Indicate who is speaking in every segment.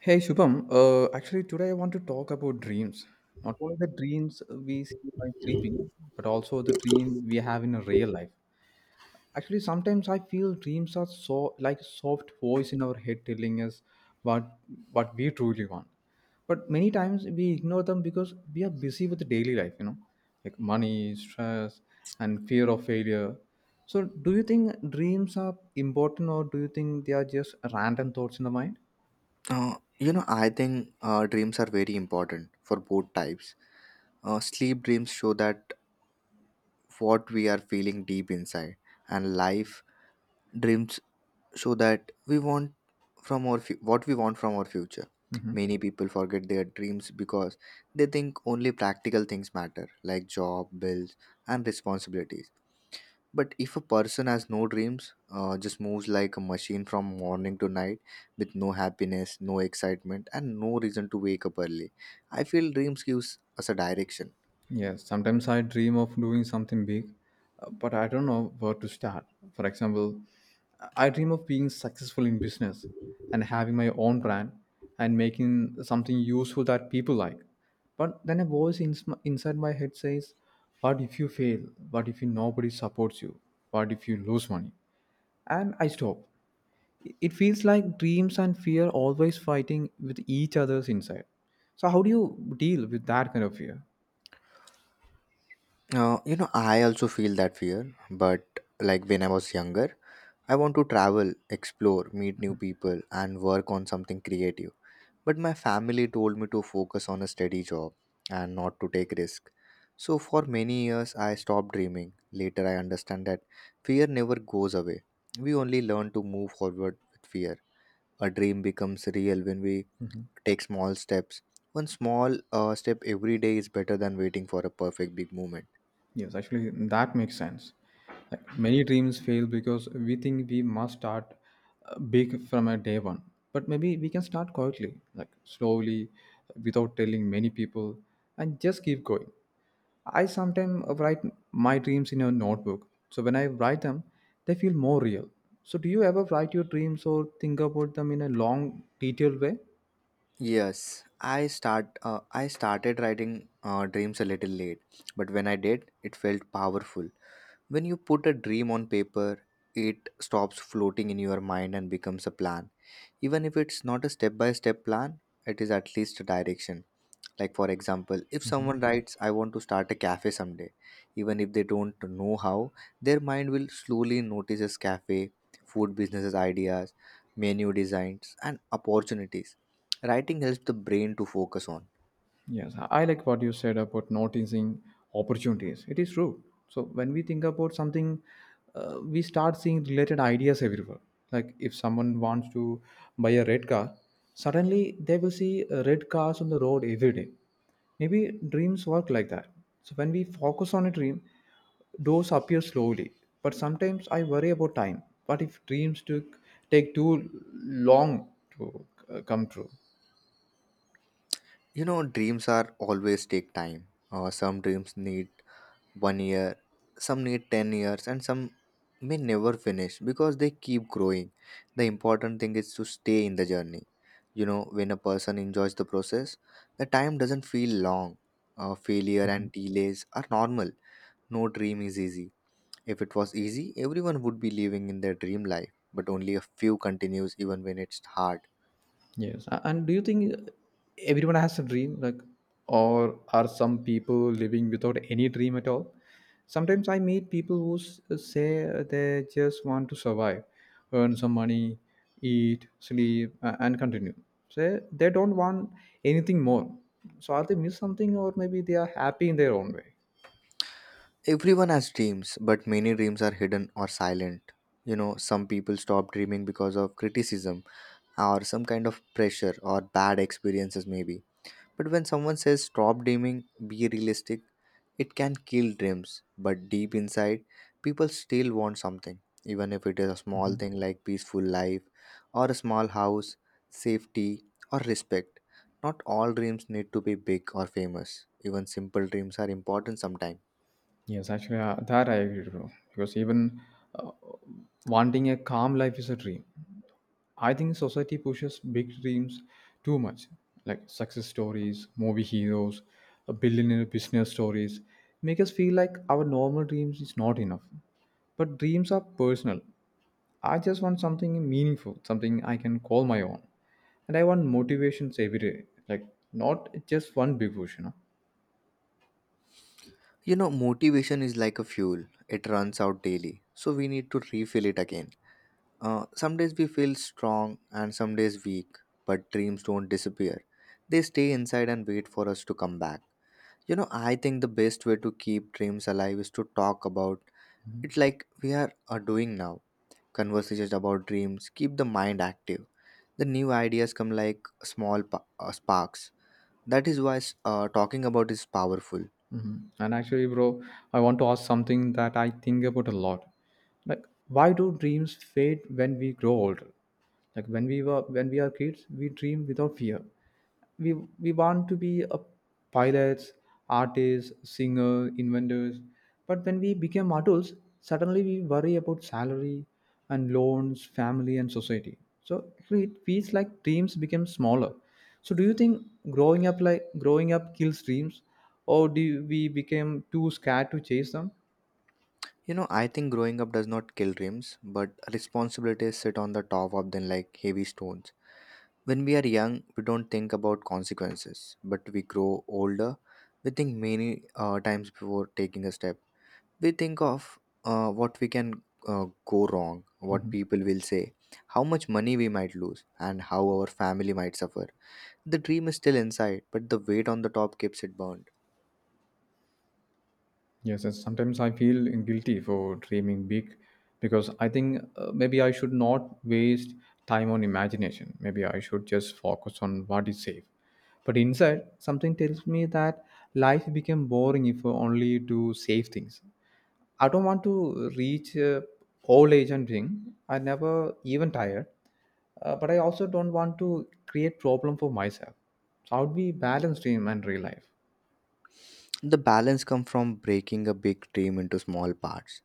Speaker 1: Hey Shubham, actually today I want to talk about dreams. Not only the dreams we see by sleeping, but also the dream we have in a real life. Actually, sometimes I feel dreams are so like soft voice in our head telling us what what we truly want. But many times we ignore them because we are busy with the daily life, like money, stress, and fear of failure. So, do you think dreams are important, or do you think they are just random thoughts in the mind?
Speaker 2: I think dreams are very important for both types. Sleep dreams show that what we are feeling deep inside, and life dreams show that we want from our what we want from our future.
Speaker 1: Hmm
Speaker 2: Many people forget their dreams because they think only practical things matter, like job, bills, and responsibilities. But if a person has no dreams, just moves like a machine from morning to night with no happiness, no excitement, and no reason to wake up early, I feel dreams gives us a direction.
Speaker 1: Yes, sometimes I dream of doing something big, but I don't know where to start. For example, I dream of being successful in business and having my own brand and making something useful that people like. But then inside my head says, what if you fail? What if nobody supports you? What if you lose money? And I stop. It feels like dreams and fear always fighting with each other's inside. So, how do you deal with that kind of fear?
Speaker 2: I also feel that fear, but like when I was younger, I want to travel, explore, meet new people, and work on something creative. But my family told me to focus on a steady job and not to take risk. So for many years I stopped dreaming. Later I understand that fear never goes away. We only learn to move forward with fear. A dream becomes real when we take small steps. One small step every day is better than waiting for a perfect big moment.
Speaker 1: Yes, actually, that makes sense. Like many dreams fail because we think we must start big from a day one. But maybe we can start quietly, like slowly, without telling many people, and just keep going. I sometimes write my dreams in a notebook. So when I write them, they feel more real. So do you ever write your dreams or think about them in a long, detailed way?
Speaker 2: Yes, I start. I started writing dreams a little late, but when I did, it felt powerful. When you put a dream on paper, it stops floating in your mind and becomes a plan. Even if it's not a step by step plan, it is at least a direction. Like, for example, if
Speaker 1: Mhm.
Speaker 2: someone writes, I want to start a cafe someday, even if they don't know how, their mind will slowly notices cafe, food businesses ideas, menu designs, and opportunities. Writing helps the brain to focus on.
Speaker 1: Yes, I like what you said about noticing opportunities. It is true. So when we think about something, we start seeing related ideas everywhere. Like if someone wants to buy a red car, suddenly they will see red cars on the road every day. Maybe dreams work like that. So when we focus on a dream, those appear slowly. But sometimes I worry about time. What if dreams took take too long to come true?
Speaker 2: You know, dreams are always take time. Some dreams need 1 year, some need 10 years, and some may never finish because they keep growing. The important thing is to stay in the journey. You know, when a person enjoys the process, the time doesn't feel long. Failure and delays are normal. No dream is easy. If it was easy, everyone would be living in their dream life, but only a few continues even when it's hard.
Speaker 1: Yes. And do you think everyone has a dream? Like, or are some people living without any dream at all? Sometimes I meet people say they just want to survive, earn some money, eat, sleep, and continue. Say they don't want anything more. So are they miss something, or maybe they are happy in their own way?
Speaker 2: Everyone has dreams, but many dreams are hidden or silent. You know, some people stop dreaming because of criticism or some kind of pressure or bad experiences maybe. But when someone says stop dreaming, be realistic, it can kill dreams. But deep inside, people still want something, even if it is a small
Speaker 1: Mhm.
Speaker 2: thing like peaceful life or a small house, safety, or respect. Not all dreams need to be big or famous. Even simple dreams are important sometimes.
Speaker 1: Yes, actually, that I agree to. Because even uh, wanting a calm life is a dream. I think society pushes big dreams too much, like success stories, movie heroes, billionaire business stories, make us feel like our normal dreams is not enough. But dreams are personal. I just want something meaningful, something I can call my own. And I want motivations every day, like not just one big push, you know.
Speaker 2: You know, motivation is like a fuel. It runs out daily, so we need to refill it again. Some days we feel strong and some days weak, but dreams don't disappear. They stay inside and wait for us to come back. You know, I think the best way to keep dreams alive is to talk about it like we are doing now. Conversations about dreams keep the mind active. The new ideas come like small sparks. That is why talking about is powerful.
Speaker 1: Mhm. And actually, bro, I want to ask something that I think about a lot. Like, why do dreams fade when we grow older? Like when we are kids, we dream without fear. We we want to be a pilots, artists, singer, inventors. But when we became adults, suddenly we worry about salary and loans, family and society. So actually, it feels like dreams became smaller, so do you think growing up kills dreams, or do you- we became too scared to chase them?
Speaker 2: You know, I think growing up does not kill dreams, but responsibilities sit on the top of them like heavy stones. When we are young, we don't think about consequences, but we grow older, we think many times before taking a step. We think of what we can go wrong, what
Speaker 1: Mhm.
Speaker 2: people will say, how much money we might lose, and how our family might suffer. The dream is still inside, but the weight on the top keeps it burned.
Speaker 1: Yes, and sometimes I feel guilty for dreaming big because I think maybe I should not waste time on imagination. Maybe I should just focus on what is safe. But inside, something tells me that life became boring if only to save things. I don't want to reach old age and drink. I never even tired, but I also don't want to create problem for myself. So I would be balanced dream and real life.
Speaker 2: The balance comes from breaking a big dream into small parts.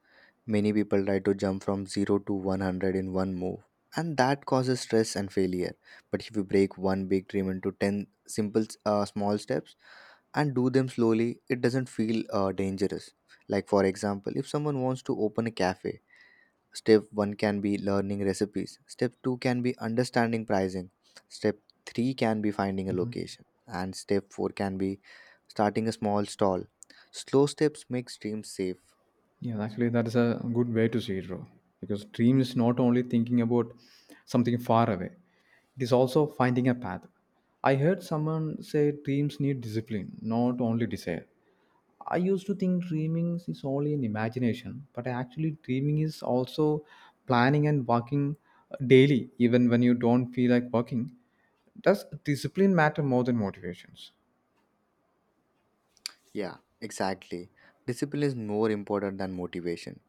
Speaker 2: Many people try to jump from 0 to 100 in one move, and that causes stress and failure. But if you break one big dream into 10 simple small steps and do them slowly, it doesn't feel dangerous. Like, for example, if someone wants to open a cafe, Step 1 can be learning recipes. Step 2 can be understanding pricing. Step 3 can be finding a location. And step 4 can be starting a small stall. Slow steps make dreams safe.
Speaker 1: Yeah, actually, that is a good way to see it, bro. Because dream is not only thinking about something far away; it is also finding a path. I heard someone say dreams need discipline, not only desire. I used to think dreaming is only an imagination, but actually, dreaming is also planning and working daily, even when you don't feel like working. Does discipline matter more than motivations?
Speaker 2: Yeah, exactly. Discipline is more important than motivation.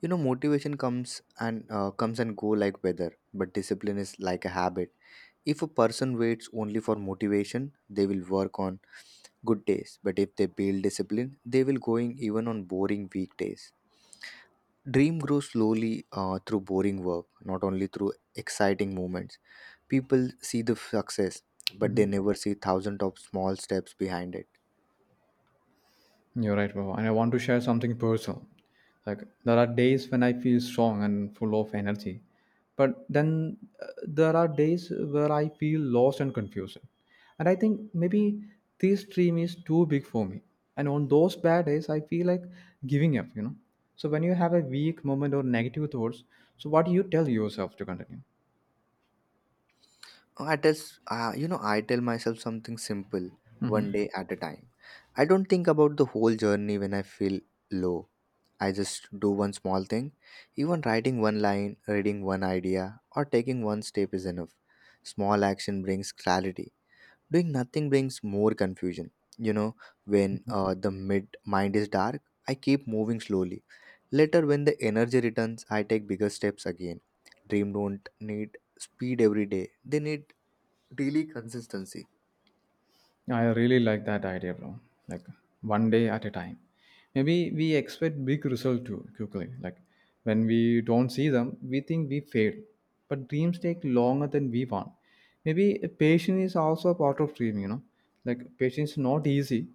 Speaker 2: You know, motivation comes and go like weather, but discipline is like a habit. If a person waits only for motivation, they will work on good days. But if they build discipline, they will going even on boring weekdays. Dream grows slowly through boring work, not only through exciting moments. People see the success, but they
Speaker 1: Mhm.
Speaker 2: never see thousands of small steps behind it.
Speaker 1: You're right, Baba. And I want to share something personal. Like there are days when I feel strong and full of energy, but then there are days where I feel lost and confused. And I think maybe this dream is too big for me. And on those bad days, I feel like giving up, you know. So when you have a weak moment or negative thoughts, so what do you tell yourself to continue?
Speaker 2: I tell, I tell myself something simple,
Speaker 1: Mm-hmm.
Speaker 2: one day at a time. I don't think about the whole journey when I feel low. I just do one small thing. Even writing one line, reading one idea, or taking one step is enough. Small action brings clarity. Doing nothing brings more confusion. You know, when the mid mind is dark, I keep moving slowly. Later, when the energy returns, I take bigger steps again. Dream don't need speed every day; they need daily consistency.
Speaker 1: I really like that idea, bro. Like one day at a time. Maybe we expect big result too quickly. Like when we don't see them, we think we failed. But dreams take longer than we want. Maybe patience is also a part of dream, you know. Like patience is not easy.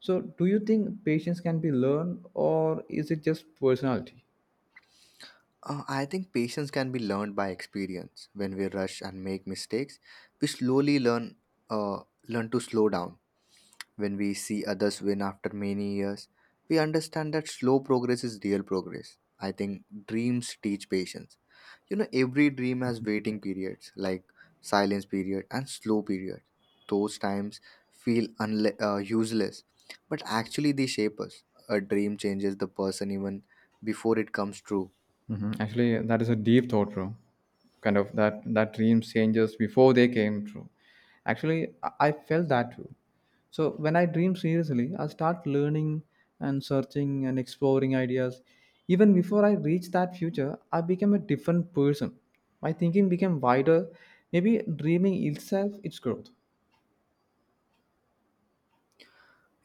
Speaker 1: So do you think patience can be learned or is it just personality?
Speaker 2: I think patience can be learned by experience. When we rush and make mistakes, we slowly uh, learn to slow down. When we see others win after many years, we understand that slow progress is real progress. I think dreams teach patience. You know, every dream has waiting periods, like silence period and slow period. Those times feel useless, but actually they shape us. A dream changes the person even before it comes true.
Speaker 1: Hmm Actually, that is a deep thought, bro. Kind of that dreams changes before they came true. Actually, I felt that too. So when I dream seriously, I start learning and searching and exploring ideas. Even before I reach that future, I became a different person. My thinking became wider. Maybe dreaming itself its growth.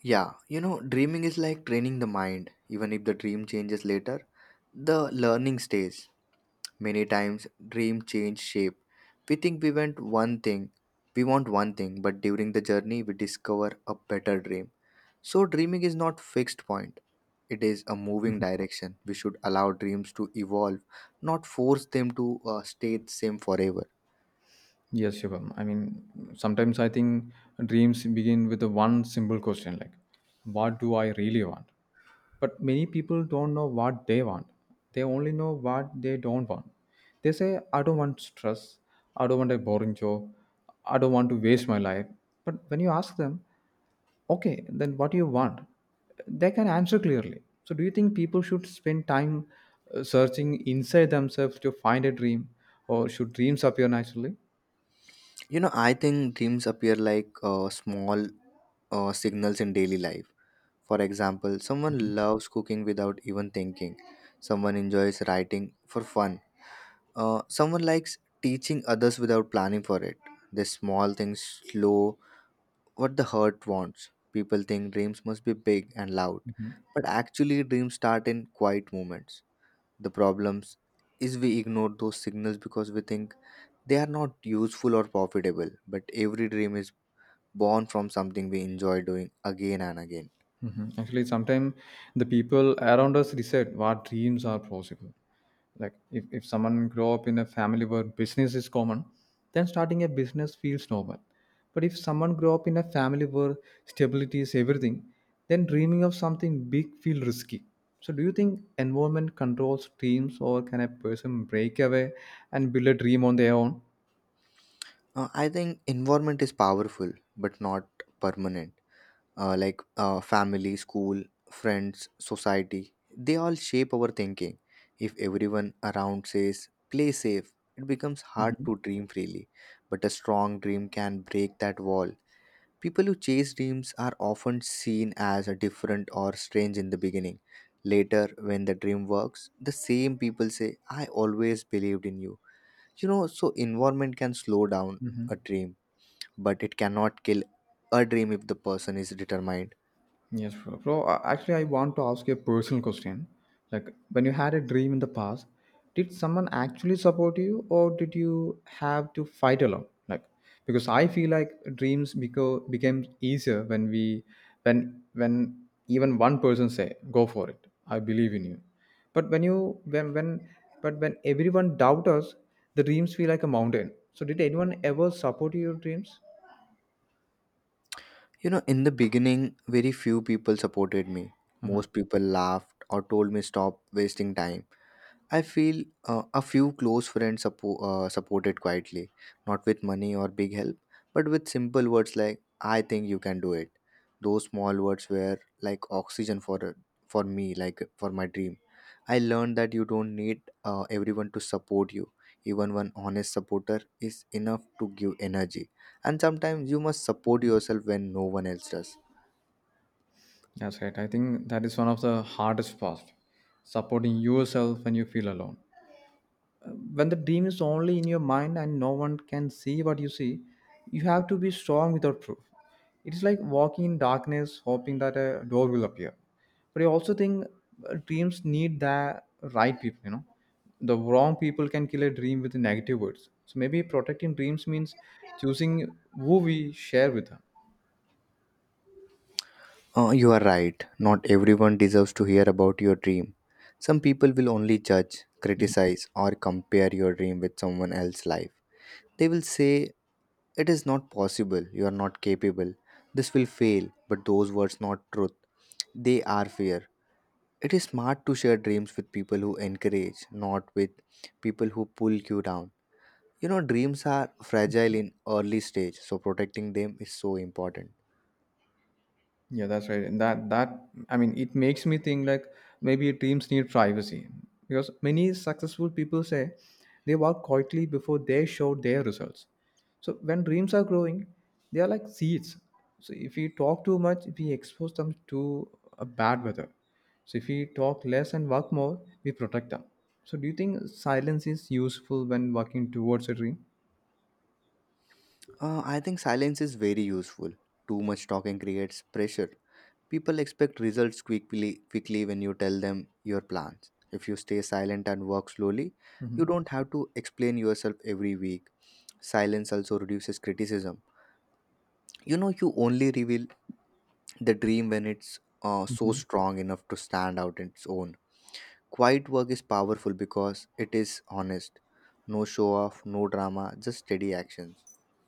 Speaker 2: Yeah, you know, dreaming is like training the mind. Even if the dream changes later, the learning stays. Many times, dream change shape. We think we want one thing, we want one thing, but during the journey, we discover a better dream. So dreaming is not fixed point. It is a moving direction. We should allow dreams to evolve, not force them to stay the same forever.
Speaker 1: Yes, Shivam. I mean, sometimes I think dreams begin with the one simple question like, what do I really want? But many people don't know what they want. They only know what they don't want. They say, I don't want stress. I don't want a boring job. I don't want to waste my life. But when you ask them, okay, then what do you want? They can answer clearly. So, do you think people should spend time searching inside themselves to find a dream, or should dreams appear naturally?
Speaker 2: You know, I think dreams appear like small signals in daily life. For example, someone loves cooking without even thinking. Someone enjoys writing for fun. Someone likes teaching others without planning for it. These small things slow what the heart wants. People think dreams must be big and loud, but actually, dreams start in quiet moments. The problems is we ignore those signals because we think they are not useful or profitable, but every dream is born from something we enjoy doing again and again.
Speaker 1: Mhm. Actually, sometimes the people around us reset what dreams are possible. Like if someone grow up in a family where business is common, then starting a business feels normal. But if someone grow up in a family where stability is everything, then dreaming of something big feel risky. So do you think environment controls dreams or can a person break away and build a dream on their own?
Speaker 2: I think environment is powerful but not permanent. Like family, school, friends, society. They all shape our thinking. If everyone around says, play safe, it becomes hard to dream freely. But a strong dream can break that wall. People who chase dreams are often seen as a different or strange in the beginning. Later, when the dream works, the same people say, I always believed in you. You know, so environment can slow down a
Speaker 1: Hmm
Speaker 2: dream, but it cannot kill a dream if the person is determined.
Speaker 1: Yes, bro. Bro, actually, I want to ask you a personal question. Like, when you had a dream in the past, did someone actually support you, or did you have to fight alone? Like, because I feel like dreams became easier when we, when even one person say, "Go for it, I believe in you," but when you when but when everyone doubt us, the dreams feel like a mountain. So, did anyone ever support your dreams?
Speaker 2: You know, in the beginning, very few people supported me. Most people laughed or told me stop wasting time. I feel a few close friends supported quietly, not with money or big help, but with simple words like "I think you can do it." Those small words were like oxygen for me, like for my dream. I learned that you don't need everyone to support you. Even one honest supporter is enough to give energy. And sometimes you must support yourself when no one else does.
Speaker 1: That's right. I think that is one of the hardest parts supporting yourself when you feel alone. Uh, When the dream is only in your mind and no one can see what you see, you have to be strong without proof. It's like walking in darkness, hoping that a door will appear. But I also think dreams need the right people, you know. The wrong people can kill a dream with negative words. So maybe protecting dreams means choosing who we share with them.
Speaker 2: You are right. Not everyone deserves to hear about your dream. Some people will only judge, criticize, or compare your dream with someone else's life. They will say, It is not possible, you are not capable, this will fail, but those words not truth. They are fear. It is smart to share dreams with people who encourage, not with people who pull you down. You know, dreams are fragile in early stage, so protecting them is so important.
Speaker 1: Yeah, that's right. And that that I mean, it makes me think like maybe teams need privacy because many successful people say they work quietly before they show their results. So when dreams are growing, they are like seeds. So if we talk too much, we expose them to a bad weather. So if we talk less and work more, we protect them. So do you think silence is useful when working towards a dream?
Speaker 2: I think silence is very useful. Too much talking creates pressure. People expect results quickly when you tell them your plans. If you stay silent and work slowly,
Speaker 1: Hmm
Speaker 2: you don't have to explain yourself every week. Silence also reduces criticism. You know, you only reveal the dream when it's so
Speaker 1: Mhm.
Speaker 2: strong enough to stand out on its own. Quiet work is powerful because it is honest. No show off, no drama, just steady action.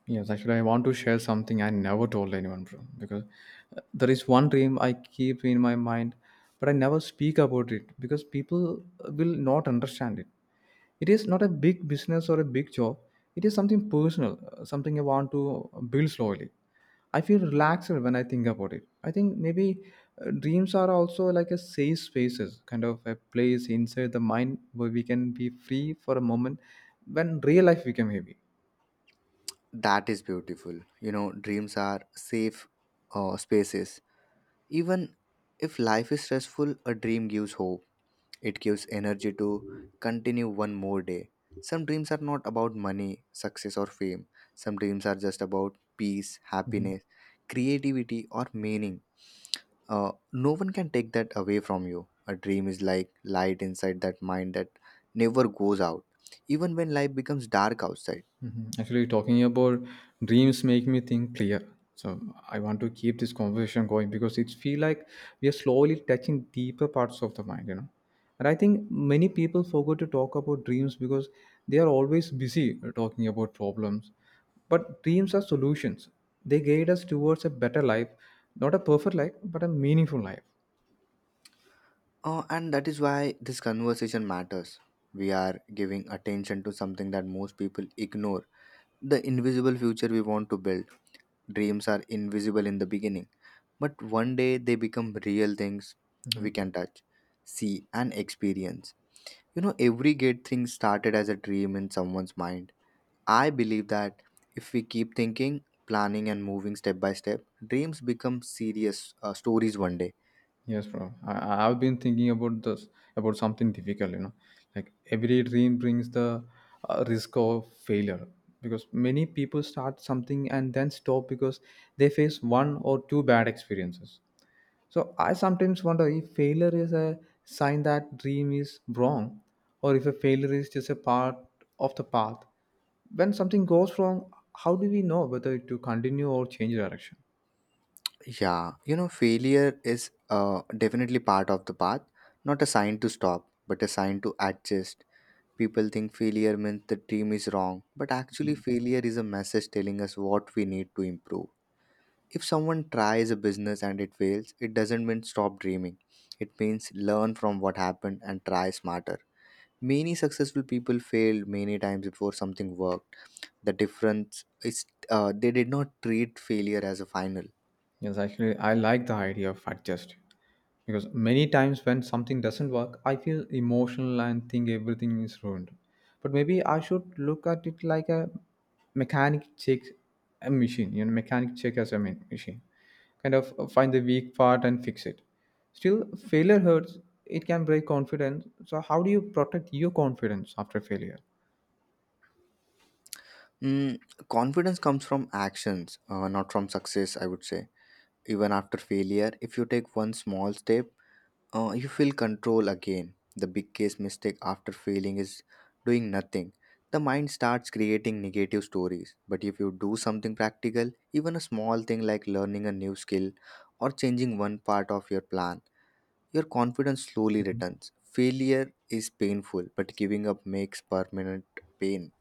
Speaker 1: Yes, actually, I want to share something I never told anyone, bro. Because there is one dream I keep in my mind, but I never speak about it because people will not understand it. It is not a big business or a big job. It is something personal, something I want to build slowly. I feel relaxed when I think about it. I think maybe dreams are also like a safe spaces, kind of a place inside the mind where we can be free for a moment when real life became heavy.
Speaker 2: That is beautiful. You know, dreams are safe spaces. Even if life is stressful, a dream gives hope. It gives energy to continue one more day. Some dreams are not about money, success, or fame. Some dreams are just about peace,
Speaker 1: Mm-hmm.
Speaker 2: happiness, creativity, or meaning. No one can take that away from you. A dream is like light inside that mind that never goes out, even when life becomes dark outside.
Speaker 1: Mhm. Actually, talking about dreams make me think clear. So I want to keep this conversation going because it feel like we are slowly touching deeper parts of the mind, you know. And I think many people forget to talk about dreams because they are always busy talking about problems. But dreams are solutions. They guide us towards a better life, not a perfect life, but a meaningful life.
Speaker 2: And that is why this conversation matters. We are giving attention to something that most people ignore the invisible future we want to build. Dreams are invisible in the beginning, but one day they become real things
Speaker 1: Mm-hmm.
Speaker 2: we can touch, see, and experience. You know, every great thing started as a dream in someone's mind. I believe that if we keep thinking, planning, and moving step by step, dreams become serious stories one day.
Speaker 1: Yes, bro. I've been thinking about this about something difficult, you know. Like every dream brings the risk of failure because many people start something and then stop because they face one or two bad experiences. So I sometimes wonder if failure is a sign that dream is wrong or if a failure is just a part of the path. When something goes wrong, how do we know whether to continue or change direction?
Speaker 2: Yeah, you know, failure is definitely part of the path, not a sign to stop, but a sign to adjust. People think failure means the team is wrong, but actually, failure is a message telling us what we need to improve. If someone tries a business and it fails, it doesn't mean stop dreaming. It means learn from what happened and try smarter. Many successful people failed many times before something worked. The difference is they did not treat failure as a final.
Speaker 1: Yes, actually, I like the idea of adjust because many times when something doesn't work, I feel emotional and think everything is ruined. But maybe I should look at it like a mechanic check, a machine, you know, mechanic check as a machine. Kind of find the weak part and fix it. Still, failure hurts. It can break confidence. So, how do you protect your confidence after failure?
Speaker 2: Mm, confidence comes from actions, not from success, I would say. Even after failure, if you take one small step, you feel control again. The biggest mistake after failing is doing nothing. The mind starts creating negative stories. But if you do something practical, even a small thing like learning a new skill or changing one part of your plan, your confidence slowly returns. Failure is painful, but giving up makes permanent pain.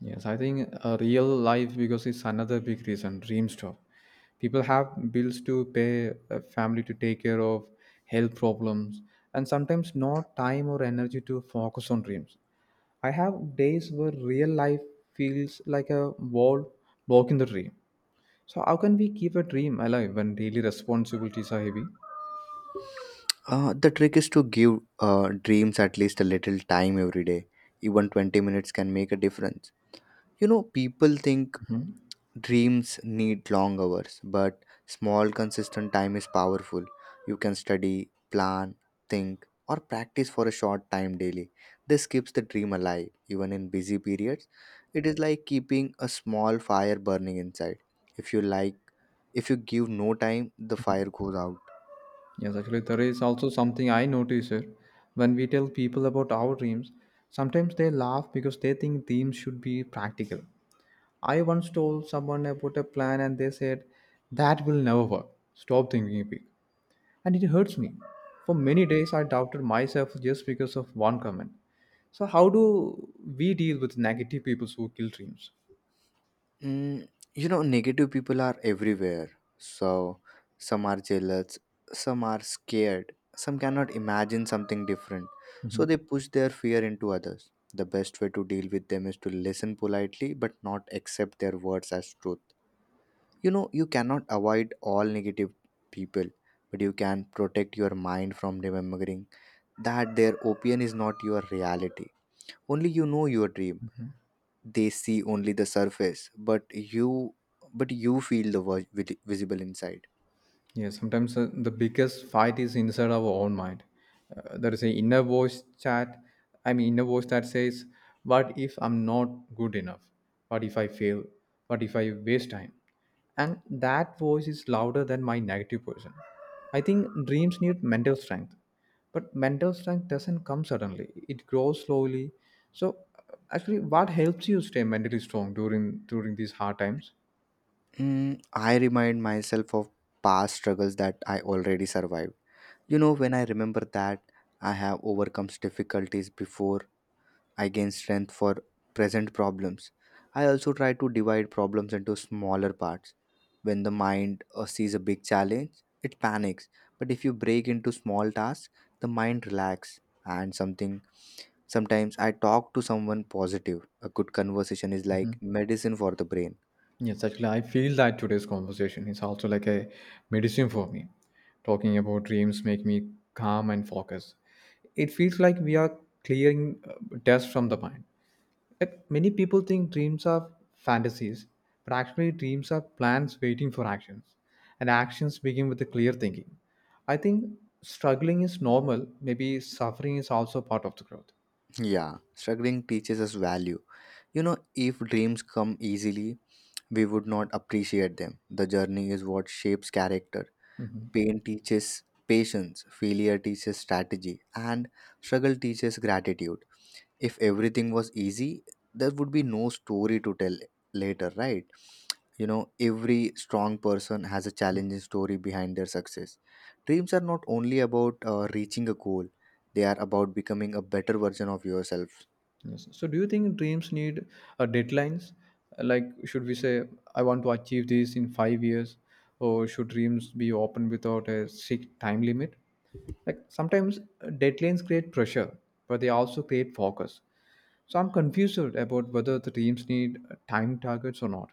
Speaker 1: Yes, I think a real life because it's another big reason. Dream stop. People have bills to pay, a family to take care of, health problems, and sometimes not time or energy to focus on dreams. I have days where real life feels like a wall blocking the dream. So how can we keep a dream alive when daily responsibilities are heavy?
Speaker 2: The trick is to give dreams at least a little time every day. Even 20 minutes can make a difference. You know, people think dreams need long hours, but small, consistent time is powerful. You can study, plan, think, or practice for a short time daily. This keeps the dream alive, even in busy periods. It is like keeping a small fire burning inside. If you like, if you give no time, the fire goes out.
Speaker 1: Yes, actually, there is also something I notice here. When we tell people about our dreams, sometimes they laugh because they think dreams should be practical. I once told someone about a plan and they said, that will never work. Stop thinking big. And it hurts me. For many days, I doubted myself just because of one comment. So, how do we deal with negative people who kill dreams?
Speaker 2: Mm, you know, negative people are everywhere. So, some are jealous, some are scared, some cannot imagine something different. So, they push their fear into others. The best way to deal with them is to listen politely but not accept their words as truth. You know, you cannot avoid all negative people, but you can protect your mind from remembering that their opinion is not your reality. Only you know your dream. They see only the surface, but you feel the visible inside.
Speaker 1: Yeah, sometimes the biggest fight is inside our own mind. There is an inner voice chat, inner voice that says, what if I'm not good enough? What if I fail? What if I waste time? And that voice is louder than my negative person. I think dreams need mental strength, but mental strength doesn't come suddenly, it grows slowly. So, actually, what helps you stay mentally strong during these hard times?
Speaker 2: Mm, I remind myself of past struggles that I already survived. You know, when I remember that I have overcome difficulties before, I gain strength for present problems. I also try to divide problems into smaller parts. When the mind sees a big challenge, it panics. But if you break into small tasks, the mind relax and something sometimes I talk to someone positive. A good conversation is like medicine for the brain.
Speaker 1: Yes, actually, I feel that today's conversation is also like a medicine for me. Talking about dreams make me calm and focused. It feels like we are clearing dust from the mind. Like many people think dreams are fantasies, but actually, dreams are plans waiting for actions, and actions begin with a clear thinking. I think struggling is normal. Maybe suffering is also part of the growth.
Speaker 2: Yeah, struggling teaches us value. You know, if dreams come easily, we would not appreciate them. The journey is what shapes character. Pain teaches patience, failure teaches strategy, and struggle teaches gratitude. If everything was easy, there would be no story to tell later, right? You know, every strong person has a challenging story behind their success. Dreams are not only about reaching a goal, they are about becoming a better version of yourself.
Speaker 1: Yes. So, do you think dreams need deadlines? Like, should we say, I want to achieve this in 5 years, or should dreams be open without a strict time limit? Like, sometimes deadlines create pressure, but they also create focus. So, I'm confused about whether the dreams need time targets or not.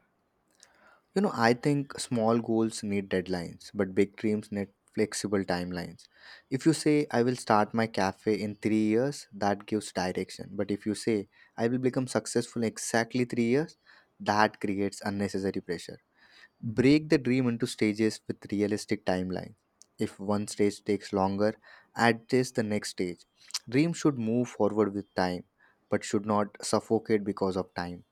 Speaker 2: You know, I think small goals need deadlines, but big dreams need flexible timelines. If you say, I will start my cafe in three years, that gives direction. But if you say, I will become successful in exactly three years, that creates unnecessary pressure.
Speaker 1: Mm-hmm.
Speaker 2: Break the dream into stages with realistic timelines. If one stage takes longer, adjust the next stage. Dreams should move forward with time, but should not suffocate because of time.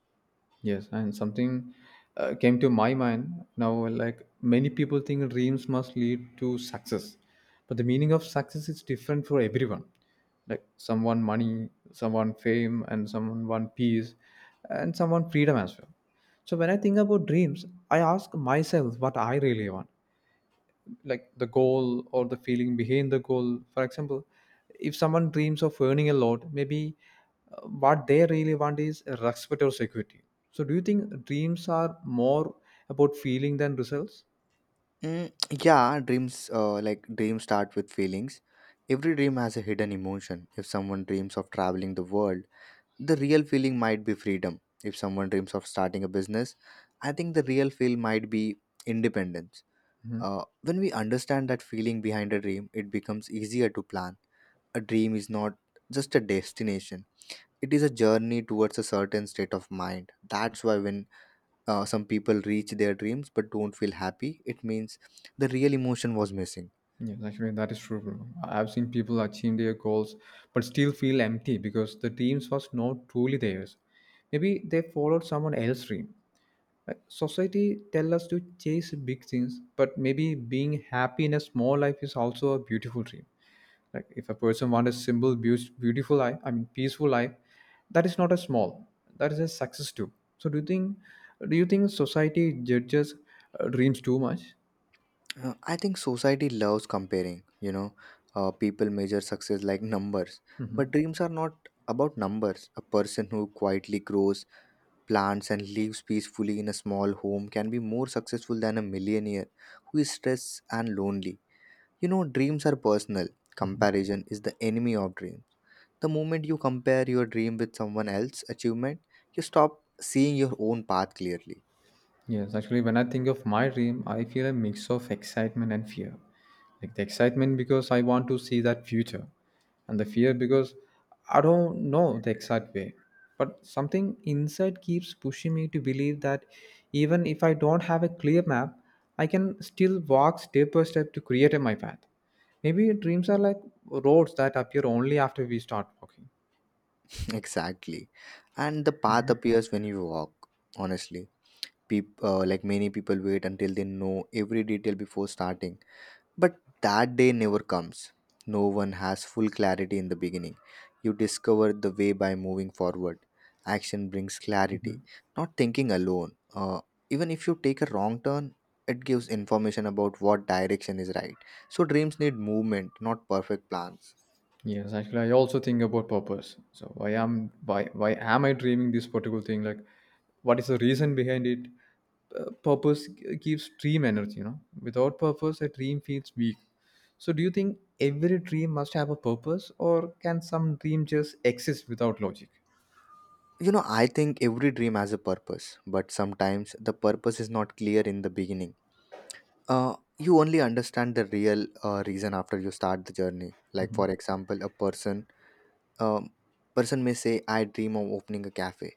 Speaker 1: Yes, and something came to my mind now, like many people think dreams must lead to success. But the meaning of success is different for everyone. Like someone money, someone fame, and someone peace, and someone freedom as well. So when I think about dreams, I ask myself what I really want, like the goal or the feeling behind the goal. For example, if someone dreams of earning a lot, maybe what they really want is respect or security. So do you think dreams are more about feeling than results?
Speaker 2: Mm, yeah, dreams start with feelings. Every dream has a hidden emotion. If someone dreams of traveling the world, the real feeling might be freedom. If someone dreams of starting a business, I think the real feel might be independence.
Speaker 1: Hmm.
Speaker 2: When we understand that feeling behind a dream, it becomes easier to plan. A dream is not just a destination. It is a journey towards a certain state of mind. That's why when some people reach their dreams but don't feel happy, it means the real emotion was missing.
Speaker 1: Yes, actually, that is true, bro. I've seen people achieve their goals but still feel empty because the dreams was not truly theirs. Maybe they followed someone else's dream. Like, society tell us to chase big things, but maybe being happy in a small life is also a beautiful dream. Like, if a person wants a simple beautiful life, I mean peaceful life, that is not a small, that is a success too. So do you think, do you think society judges dreams too much?
Speaker 2: I think society loves comparing. You know, people measure success like numbers, but
Speaker 1: Hmm.
Speaker 2: dreams are not about numbers. A person who quietly grows plants and lives peacefully in a small home can be more successful than a millionaire who is stressed and lonely. You know, dreams are personal. Comparison is the enemy of dreams. The moment you compare your dream with someone else's achievement, you stop seeing your own path clearly.
Speaker 1: Yes, actually, when I think of my dream, I feel a mix of excitement and fear. Like the excitement because I want to see that future, and the fear because I don't know the exact way. But something inside keeps pushing me to believe that even if I don't have a clear map, I can still walk step by step to create my path. Maybe dreams are like roads that appear only after we start walking.
Speaker 2: Exactly. And the path appears when you walk, honestly. Peop like many people wait until they know every detail before starting. But that day never comes. No one has full clarity in the beginning. You discover the way by moving forward. Action brings clarity, not thinking alone. Even if you take a wrong turn, it gives information about what direction is right. So, dreams need movement, not perfect plans.
Speaker 1: Yes, actually, I also think about purpose. So why am I dreaming this particular thing? Like, what is the reason behind it? Gives dream energy. You know, without purpose, a dream feels weak. So, do you think every dream must have a purpose, or can some dream just exist without logic?
Speaker 2: You know, I think every dream has a purpose, but sometimes the purpose is not clear in the beginning. You only understand the real reason after you start the journey. Like, for example, a person um, person may say, I dream of opening a cafe.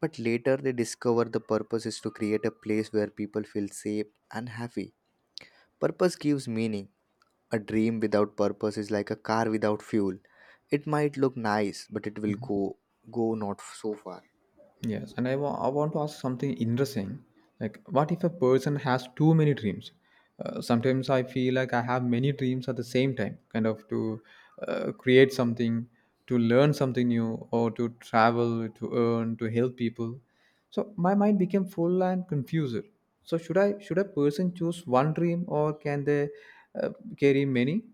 Speaker 2: But later they discover the purpose is to create a place where people feel safe and happy. Purpose gives meaning. A dream without purpose is like a car without fuel. It might look nice, but it will go not so far.
Speaker 1: Yes, and I want to ask something interesting. Like, what if a person has too many dreams? Sometimes I feel like I have many dreams at the same time, kind of to create something, to learn something new, or to travel, to earn, to help people. So my mind became full and confused. Should a person choose one dream, or can they uh, carry many?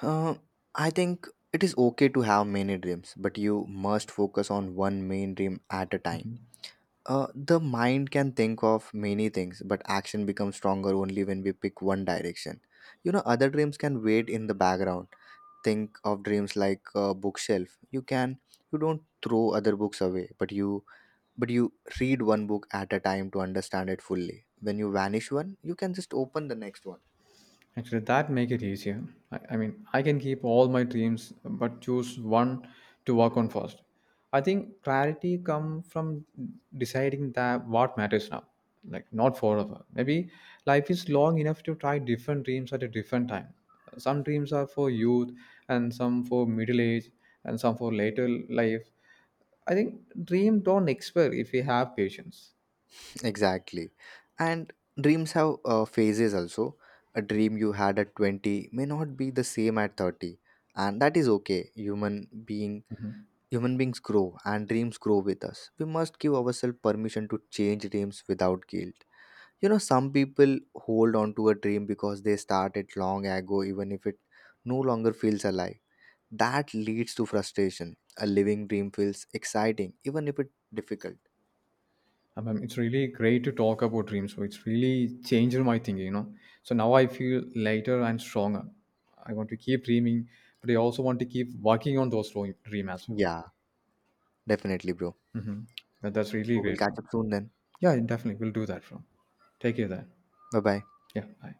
Speaker 2: Uh, I think it is okay to have many dreams, but you must focus on one main dream at a time. The mind can think of many things, but action becomes stronger only when we pick one direction. You know, other dreams can wait in the background. Think of dreams like a bookshelf. You don't throw other books away, but you read one book at a time to understand it fully. When you vanish one, you can just open the next one.
Speaker 1: Actually, that make it easier. I mean, I can keep all my dreams, but choose one to work on first. I think clarity come from deciding that what matters now, like not forever. Maybe life is long enough to try different dreams at a different time. Some dreams are for youth, and some for middle age, and some for later life. I think dream don't expire if we have patience.
Speaker 2: Exactly, and dreams have phases also. A dream you had at 20 may not be the same at 30, and that is okay. Human beings grow and dreams grow with us. We must give ourselves permission to change dreams without guilt. You know, some people hold on to a dream because they started long ago, even if it no longer feels alive. That leads to frustration. A living dream feels exciting, even if it's difficult.
Speaker 1: It's really great to talk about dreams. So it's really changed my thinking, you know. So now I feel lighter and stronger. I want to keep dreaming, but I also want to keep working on those dream as well.
Speaker 2: Yeah, definitely, bro.
Speaker 1: Hmm. That's really
Speaker 2: So we'll
Speaker 1: great,
Speaker 2: catch
Speaker 1: bro.
Speaker 2: up soon then.
Speaker 1: Yeah, definitely. We'll do that, bro. Take care then.
Speaker 2: Bye bye.
Speaker 1: Yeah, bye.